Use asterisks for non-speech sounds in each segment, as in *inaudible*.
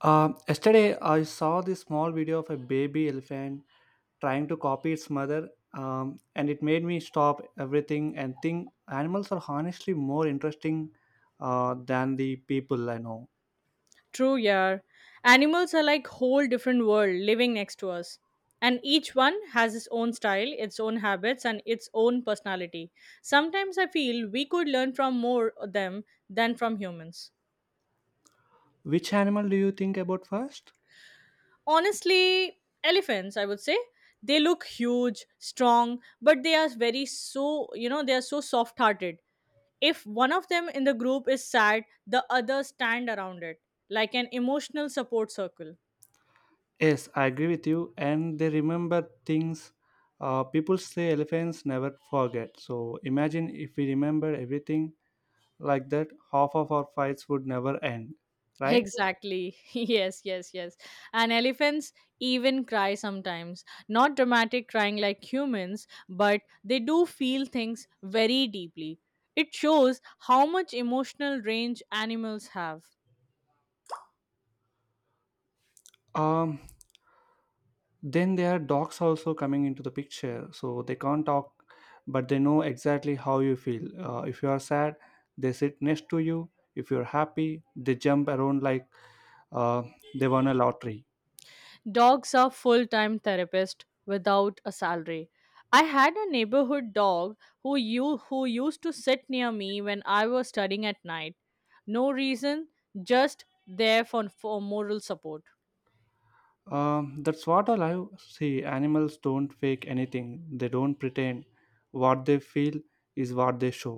Yesterday, I saw this small video of a baby elephant trying to copy its mother, and it made me stop everything and think animals are honestly more interesting than the people I know. True, yeah. Animals are like whole different world living next to us. And each one has its own style, its own habits, and its own personality. Sometimes I feel we could learn from more of them than from humans. Which animal do you think about first? Honestly, elephants, I would say, they look huge, strong, but they are very so, they are so soft hearted. If one of them in the group is sad, the others stand around it, like an emotional support circle. Yes, I agree with you, and they remember things. People say elephants never forget. So imagine if we remember everything like that, half of our fights would never end, right? Exactly. *laughs* Yes, yes, yes. And elephants even cry sometimes. Not dramatic crying like humans, but they do feel things very deeply. It shows how much emotional range animals have. Um, then there are dogs also coming into the picture, so they can't talk but they know exactly how you feel. If you are sad, they sit next to you. If you're happy, they jump around like uh, they won a lottery. Dogs are full time therapists without a salary. I had a neighborhood dog who you who used to sit near me when I was studying at night. No reason, just there for moral support. That's what I love. See, animals don't fake anything. They don't pretend. What they feel is what they show.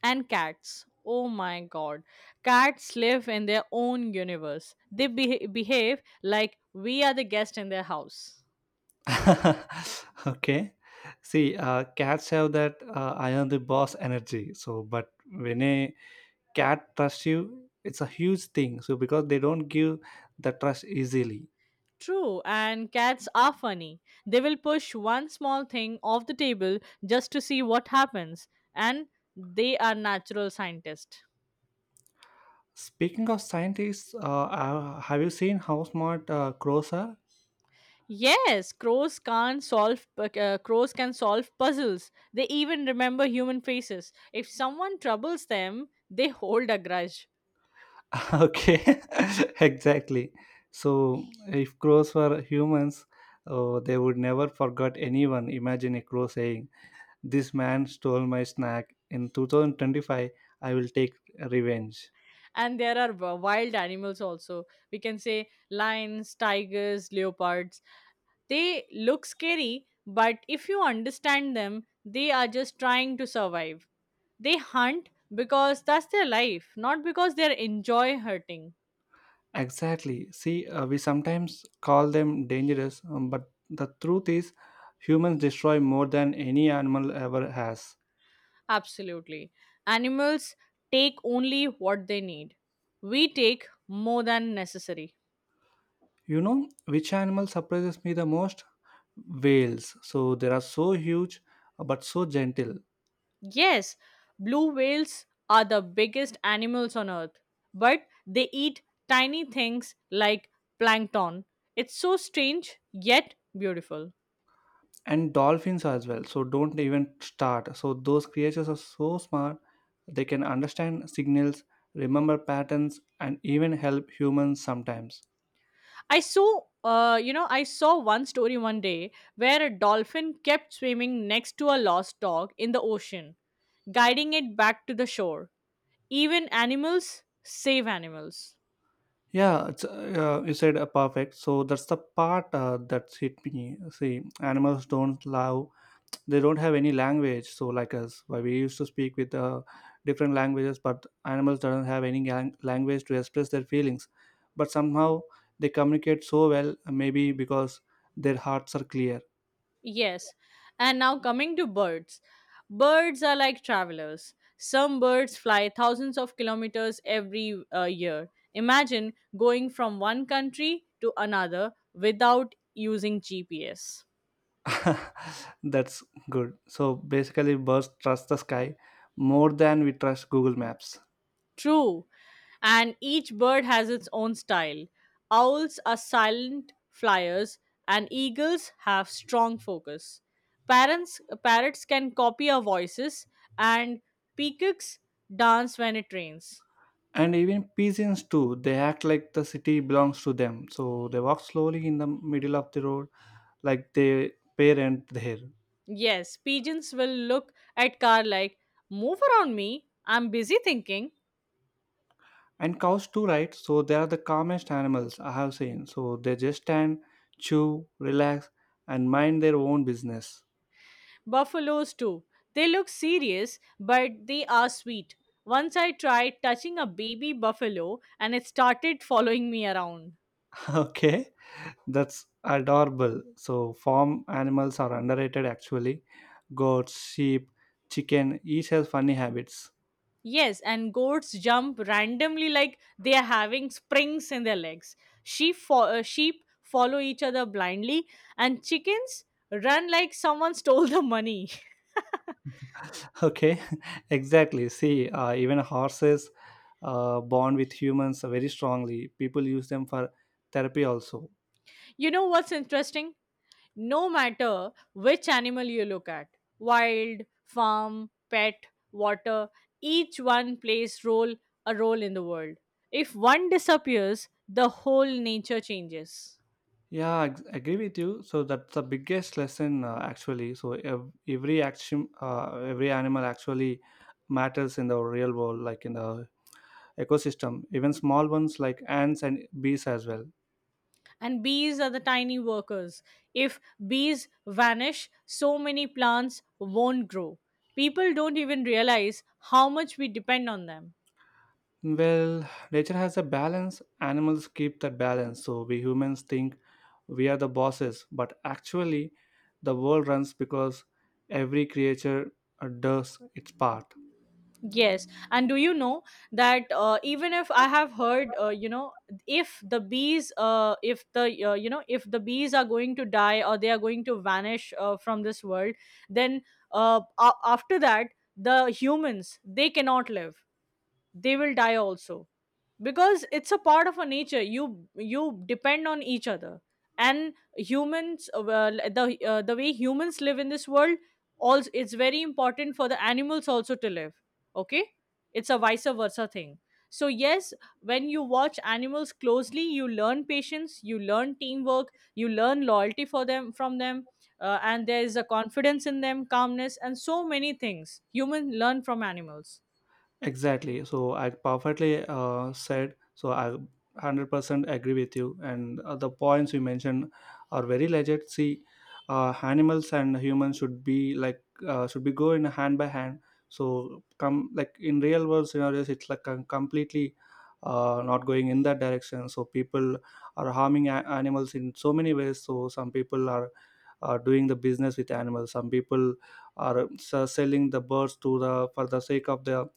And cats. Oh my god. Cats live in their own universe. They behave like we are the guest in their house. *laughs* okay, see, cats have that, I am the boss energy, so but when a cat trust you, it's a huge thing, so because they don't give the trust easily. True, and cats are funny. They will push one small thing off the table just to see what happens, and they are natural scientists. Speaking of scientists, have you seen how smart crows are? Yes, crows can solve puzzles. They even remember human faces. If *laughs* someone troubles them, they hold a grudge. okay, *laughs* exactly. So if crows were humans, oh, they would never forget anyone. Imagine a crow saying, "This man stole my snack. In 2025, I will take revenge." And there are wild animals also. We can say lions, tigers, leopards. They look scary, but if you understand them, they are just trying to survive. They hunt because that's their life, not because they enjoy hurting. Exactly. See, we sometimes call them dangerous, but the truth is, humans destroy more than any animal ever has. Absolutely. Animals take only what they need. We take more than necessary. You know which animal surprises me the most? Whales. So they are so huge but so gentle. Yes, blue whales are the biggest animals on earth, but they eat tiny things like plankton. It's so strange yet beautiful. And dolphins as well. So don't even start. So those creatures are so smart. They can understand signals, remember patterns, and even help humans sometimes. I saw, I saw one story one day where a dolphin kept swimming next to a lost dog in the ocean, guiding it back to the shore. Even animals save animals. Yeah, it's, you said perfect. So that's the part, that's hit me. See, animals don't love. They don't have any language so like us. Why we used to speak with different languages, but animals don't have any language to express their feelings, but somehow they communicate so well, maybe because their hearts are clear. Yes. And now coming to birds. Birds are like travelers. Some birds fly thousands of kilometers every year. Imagine going from one country to another without using GPS. *laughs* that's good. So basically birds trust the sky more than we trust Google Maps. True. And each bird has its own style. Owls are silent flyers, and eagles have strong focus. Parents, parrots can copy our voices, and peacocks dance when it rains. And even pigeons too, they act like the city belongs to them, so they walk slowly in the middle of the road like they parent there. Yes, pigeons will look at car like, move around me, I'm busy thinking. And cows too, right? So they are the calmest animals I have seen. So they just stand, chew, relax, and mind their own business. Buffaloes too. They look serious, but they are sweet. Once I tried touching a baby buffalo and it started following me around. *laughs* okay, that's adorable. So farm animals are underrated actually. Goats, sheep, chicken, each has funny habits. Yes, and goats jump randomly like they are having springs in their legs. Sheep follow each other blindly, and chickens run like someone stole the money. *laughs* *laughs* okay, *laughs* exactly. See, even horses bond with humans very strongly. People use them for therapy also. You know what's interesting? No matter which animal you look at, wild, farm, pet, water, each one plays role, a role in the world. If one disappears, the whole nature changes. Yeah, I agree with you. So that's the biggest lesson, actually. So every action, every animal actually matters in the real world, like in the ecosystem. Even small ones like ants and bees as well. And bees are the tiny workers. If bees vanish, so many plants won't grow. People don't even realize how much we depend on them. Well, nature has a balance. Animals keep that balance. So we humans think we are the bosses, but actually, the world runs because every creature does its part. Yes. And do you know that even if I have heard, if the bees, if if the bees are going to die, or they are going to vanish from this world, then after that, the humans, they cannot live. They will die also, because it's a part of a nature. You depend on each other. And humans well, the way humans live in this world also, it's very important for the animals also to live. Okay. It's a vice versa thing. So yes, when you watch animals closely, you learn patience, you learn teamwork, you learn loyalty for them, from them. And there is a confidence in them, calmness, and so many things humans learn from animals. Exactly. So I perfectly said. So I 100% agree with you. And the points you mentioned are very legit. See, animals and humans should be like, should be go in hand by hand. So come like in real world scenarios, it's like completely not going in that direction. So people are harming animals in so many ways. So some people are. Are doing the business with animals. Some people are selling the birds to the for the sake of the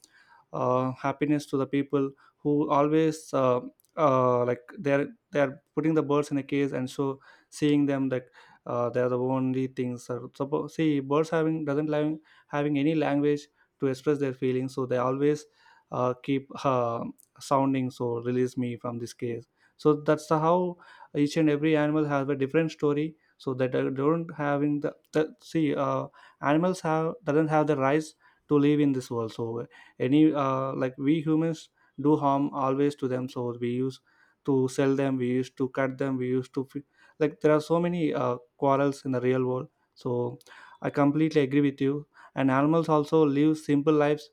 happiness to the people who always, like, they're putting the birds in a cage and so seeing them like they're the only things are suppose see birds having doesn't like having any language to express their feelings, so they always keep sounding so release me from this cage. So that's how each and every animal has a different story, so that they don't having the see animals have doesn't have the rights to live in this world. So any, like we humans do harm always to them. So we use to sell them, we used to cut them, we used to like there are so many quarrels in the real world. So I completely agree with you. And animals also live simple lives,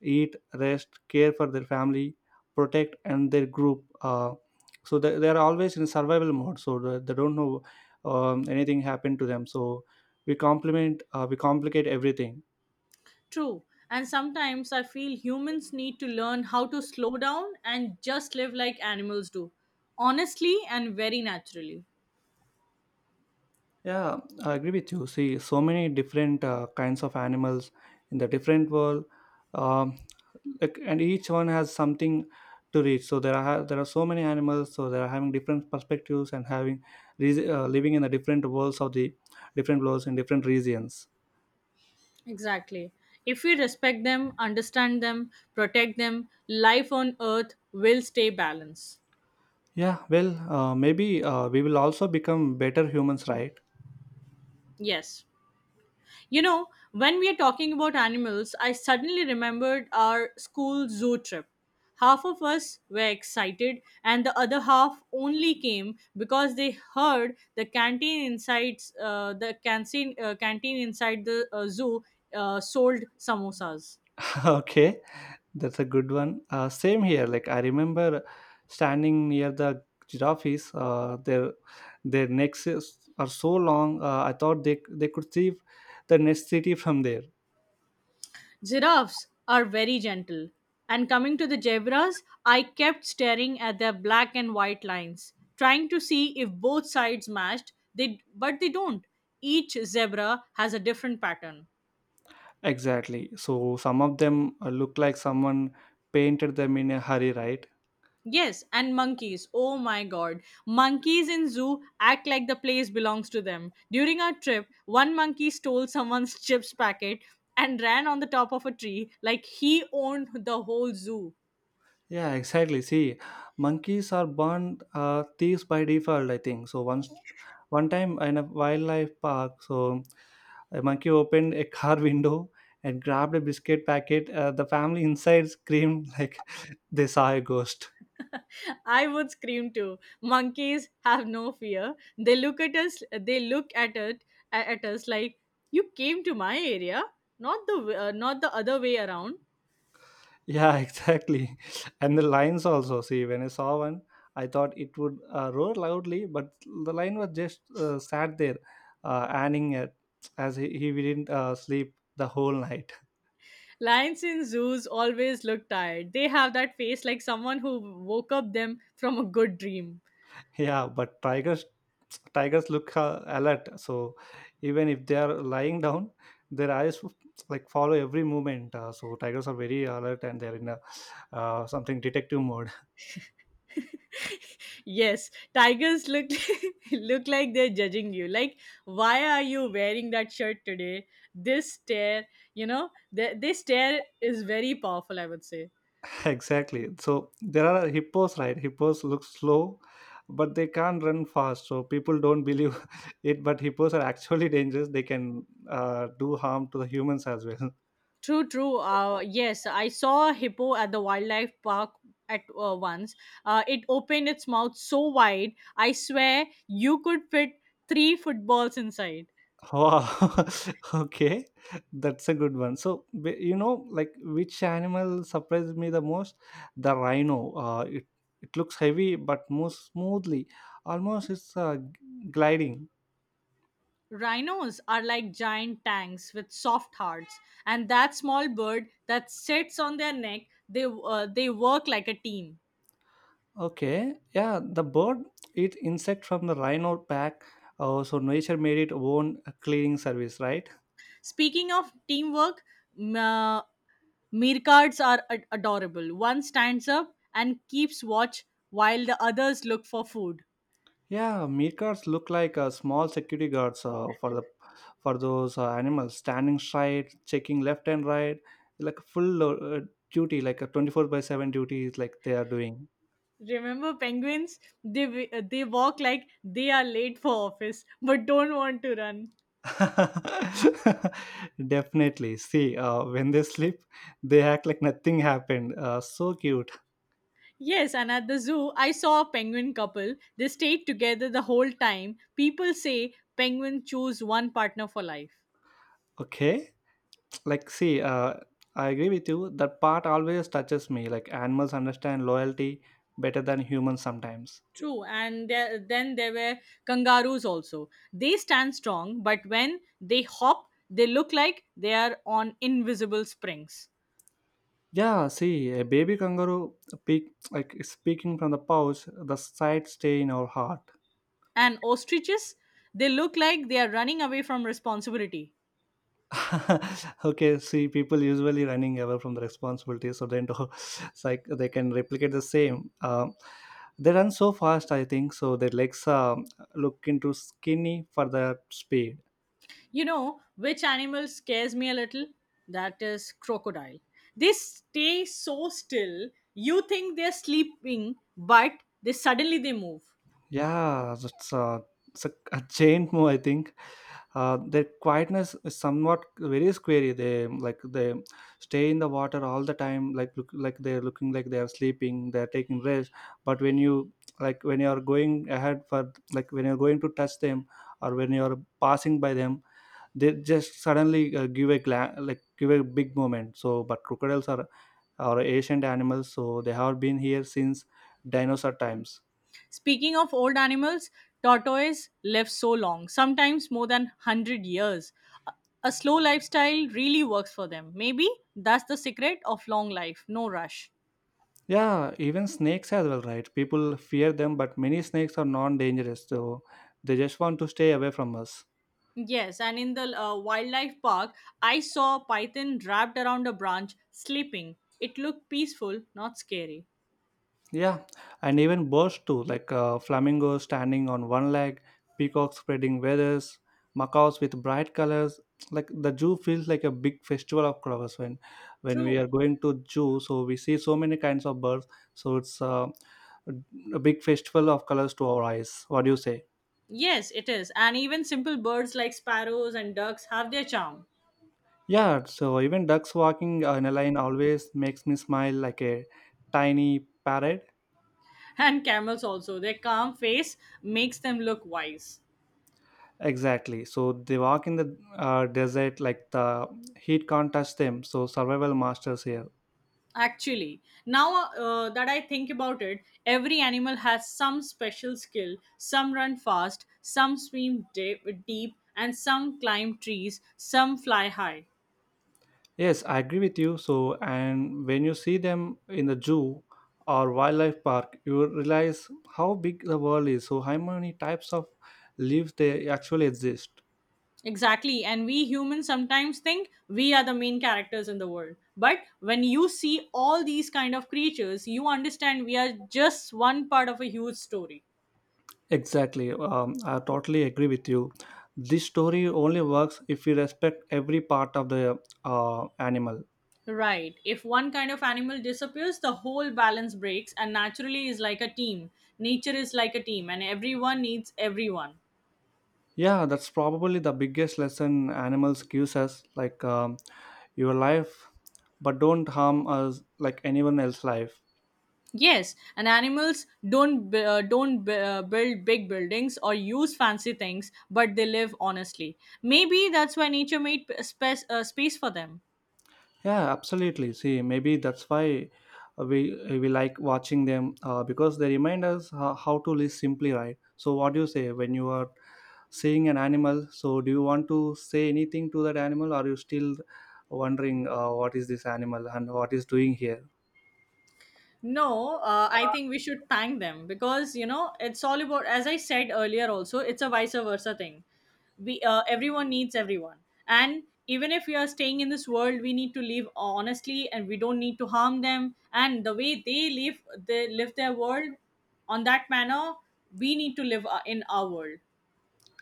eat, rest, care for their family, protect and their group. So they are always in survival mode, so they don't know anything happened to them. So we complement, we complicate everything. True. And sometimes I feel humans need to learn how to slow down and just live like animals do, honestly and very naturally. Yeah, I agree with you. See, so many different kinds of animals in the different world, um, like, and each one has something to reach. So there are so many animals. So they are having different perspectives and having living in the different worlds of the different worlds in different regions. Exactly. If we respect them, understand them, protect them, life on earth will stay balanced. Yeah, well, maybe we will also become better humans, right? Yes. You know, when we are talking about animals, I suddenly remembered our school zoo trip. Half of us were excited, and the other half only came because they heard the canteen inside the canteen canteen inside the zoo sold samosas. *laughs* okay, that's a good one. Same here. Like I remember standing near the giraffes. Their necks are so long. I thought they could see the next city from there. Giraffes are very gentle. And coming to the zebras, I kept staring at their black and white lines, trying to see if both sides matched, they but they don't. Each zebra has a different pattern. Exactly. So some of them look like someone painted them in a hurry, right? Yes, and monkeys. Oh my god. Monkeys in zoo act like the place belongs to them. During our trip, one monkey stole someone's chips packet and ran on the top of a tree like he owned the whole zoo. Yeah, exactly. See, monkeys are born thieves by default, I think. So once, one time in a wildlife park, so a monkey opened a car *laughs* window and grabbed a biscuit packet. The family inside screamed like *laughs* they saw a ghost. I would scream too. Monkeys have no fear. They look at us. They look at it at us like, you came to my area, not the not the other way around. Yeah, *laughs* exactly. And the lions also. See, when I saw one, I thought it would roar loudly, but the lion was just sat there, adding it as he didn't sleep the whole night. Lions in zoos always look tired. They have that face like someone who woke up them from a good dream. Yeah, but tigers look alert. So even if they are lying down, their eyes like follow every movement. So tigers are very alert and they're in a, something detective mode. Yes, tigers look *laughs* look like they're judging you. Like, why are you wearing that shirt today? This stare, you know, this stare is very powerful, I would say. *laughs* exactly. So there are hippos, right? Hippos look slow, but they can't run fast. So people don't believe *laughs* it. But hippos are actually dangerous. They can do harm to the humans as well. True, true. Yes, I saw a hippo at the wildlife park at once. It opened its mouth so wide, I swear you could fit three footballs inside. Wow. *laughs* okay, that's a good one. So you know, like which animal surprised me the most? The rhino. It it looks heavy but moves smoothly. Almost it's gliding. Rhinos are like giant tanks with soft hearts, and that small bird that sits on their neck, they work like a team. Okay, yeah. The bird eat insect from the rhino pack. So nature made it own cleaning service, right? Speaking of teamwork, m- uh, meerkats are adorable. One stands up and keeps watch while the others look for food. Yeah, meerkats look like small security guards for the for those animals, standing straight, checking left and right, like a full duty, like a 24/7 duty is like they are doing. Remember penguins? They walk like they are late for office but don't want to run. *laughs* Definitely. See, when they sleep, they act like nothing happened. So cute. Yes, and at the zoo I saw a penguin couple. They stayed together the whole time. People say penguins choose one partner for life. Okay, like see, I agree with you. That part always touches me. Like animals understand loyalty better than humans sometimes. True, and there, then there were kangaroos also. They stand strong, but when they hop, they look like they are on invisible springs. Yeah, see, a baby kangaroo peek, like speaking from the pouch, the sight stay in our heart. And ostriches, they look like they are running away from responsibility. *laughs* okay, see, people usually running away from the responsibility, so they don't, *laughs* it's like they can replicate the same. They run so fast, I think, so their legs look into skinny for the speed. You know which animal scares me a little? That is crocodile. They stay so still. You think they're sleeping, but they suddenly they move. Yeah, that's a, it's a giant move, I think. Their quietness is somewhat very scary. They like they stay in the water all the time, like look like they're looking like they are sleeping, they're taking rest. But when you like when you are going ahead for like when you're going to touch them or when you're passing by them, they just suddenly give a like give a big moment. So, but crocodiles are ancient animals, so they have been here since dinosaur times. Speaking of old animals, tortoise live so long, sometimes more than 100 years. A a slow lifestyle really works for them. Maybe that's the secret of long life, no rush. Yeah, even snakes as well, right? People fear them, but many snakes are non dangerous, so they just want to stay away from us. Yes, and in the wildlife park, I saw a python wrapped around a branch sleeping. It looked peaceful, not scary. Yeah, and even birds too, like flamingos standing on one leg, peacocks spreading feathers, macaws with bright colors. Like the zoo feels like a big festival of colors when we True. are going to zoo. So we see so many kinds of birds. So it's a big festival of colors to our eyes. What do you say? Yes, it is. And even simple birds like sparrows and ducks have their charm. Yeah, so even ducks walking in a line always makes me smile like a tiny parrot. And camels also. Their calm face makes them look wise. Exactly. So they walk in the desert like the heat can't touch them. So survival masters here. Actually, now that I think about it, every animal has some special skill. Some run fast, some swim deep, and some climb trees, some fly high. Yes, I agree with you. So and when you see them in the zoo or wildlife park, you will realize how big the world is. So how many types of leaves they actually exist. Exactly. And we humans sometimes think we are the main characters in the world. But when you see all these kind of creatures, you understand we are just one part of a huge story. Exactly. I totally agree with you. This story only works if we respect every part of the animal. Right. If one kind of animal disappears, the whole balance breaks and naturally is like a team. Nature is like a team and everyone needs everyone. Yeah, that's probably the biggest lesson animals gives us, like, your life, but don't harm us like anyone else's life. Yes, and animals don't bu- build big buildings or use fancy things, but they live honestly. Maybe that's why nature made space for them. Yeah, absolutely. See, maybe that's why we like watching them because they remind us how to live simply, right? So, what do you say when you are seeing an animal? So, do you want to say anything to that animal? Or are you still wondering what is this animal and what is doing here? No, I think we should thank them because you know it's all about. As I said earlier, also it's a vice versa thing. We everyone needs everyone, and even if we are staying in this world, we need to live honestly, and we don't need to harm them. And the way they live their world on that manner. We need to live in our world.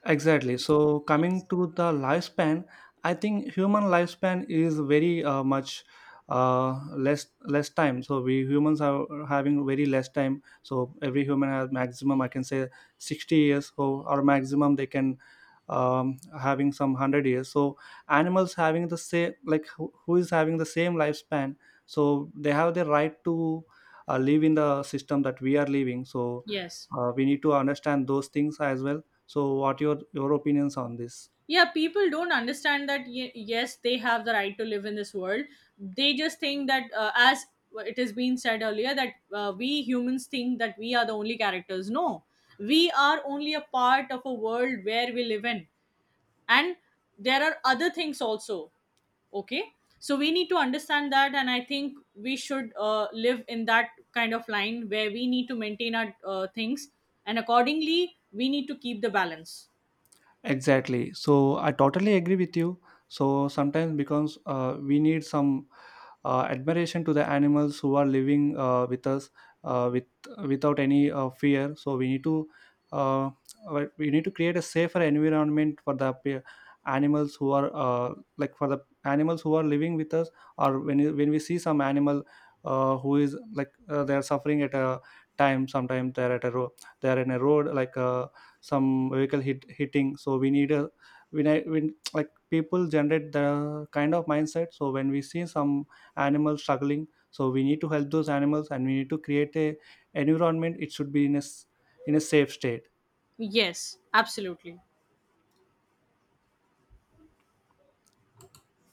Exactly. So coming Yes. to the lifespan, I think human lifespan is very much less less time. So we humans are having very less time. So every human has maximum, I can say, 60 years. So or maximum they can having some 100 years. So animals having the same, like who is having the same lifespan. So they have the right to live in the system that we are living. So Yes. We need to understand those things as well, so what your opinions on this. Yeah, people don't understand that yes, they have the right to live in this world. They just think that as it has been said earlier, that we humans think that we are the only characters. No, we are only a part of a world where we live in. And there are other things also. Okay. So we need to understand that, and I think we should live in that kind of line where we need to maintain our things, and accordingly we need to keep the balance. Exactly. So I totally agree with you. So sometimes because we need some admiration to the animals who are living with us with without any fear. So we need to, uh, we need to create a safer environment for the animals who are, like for the animals who are living with us or when when we see some animal, who is like they are suffering at a time. Sometimes they are at a road, they are in a road, like some vehicle hitting. So we need a when I when like people generate the kind of mindset, so when we see some animals struggling, so we need to help those animals and we need to create a environment it should be in a in a safe state. Yes, absolutely.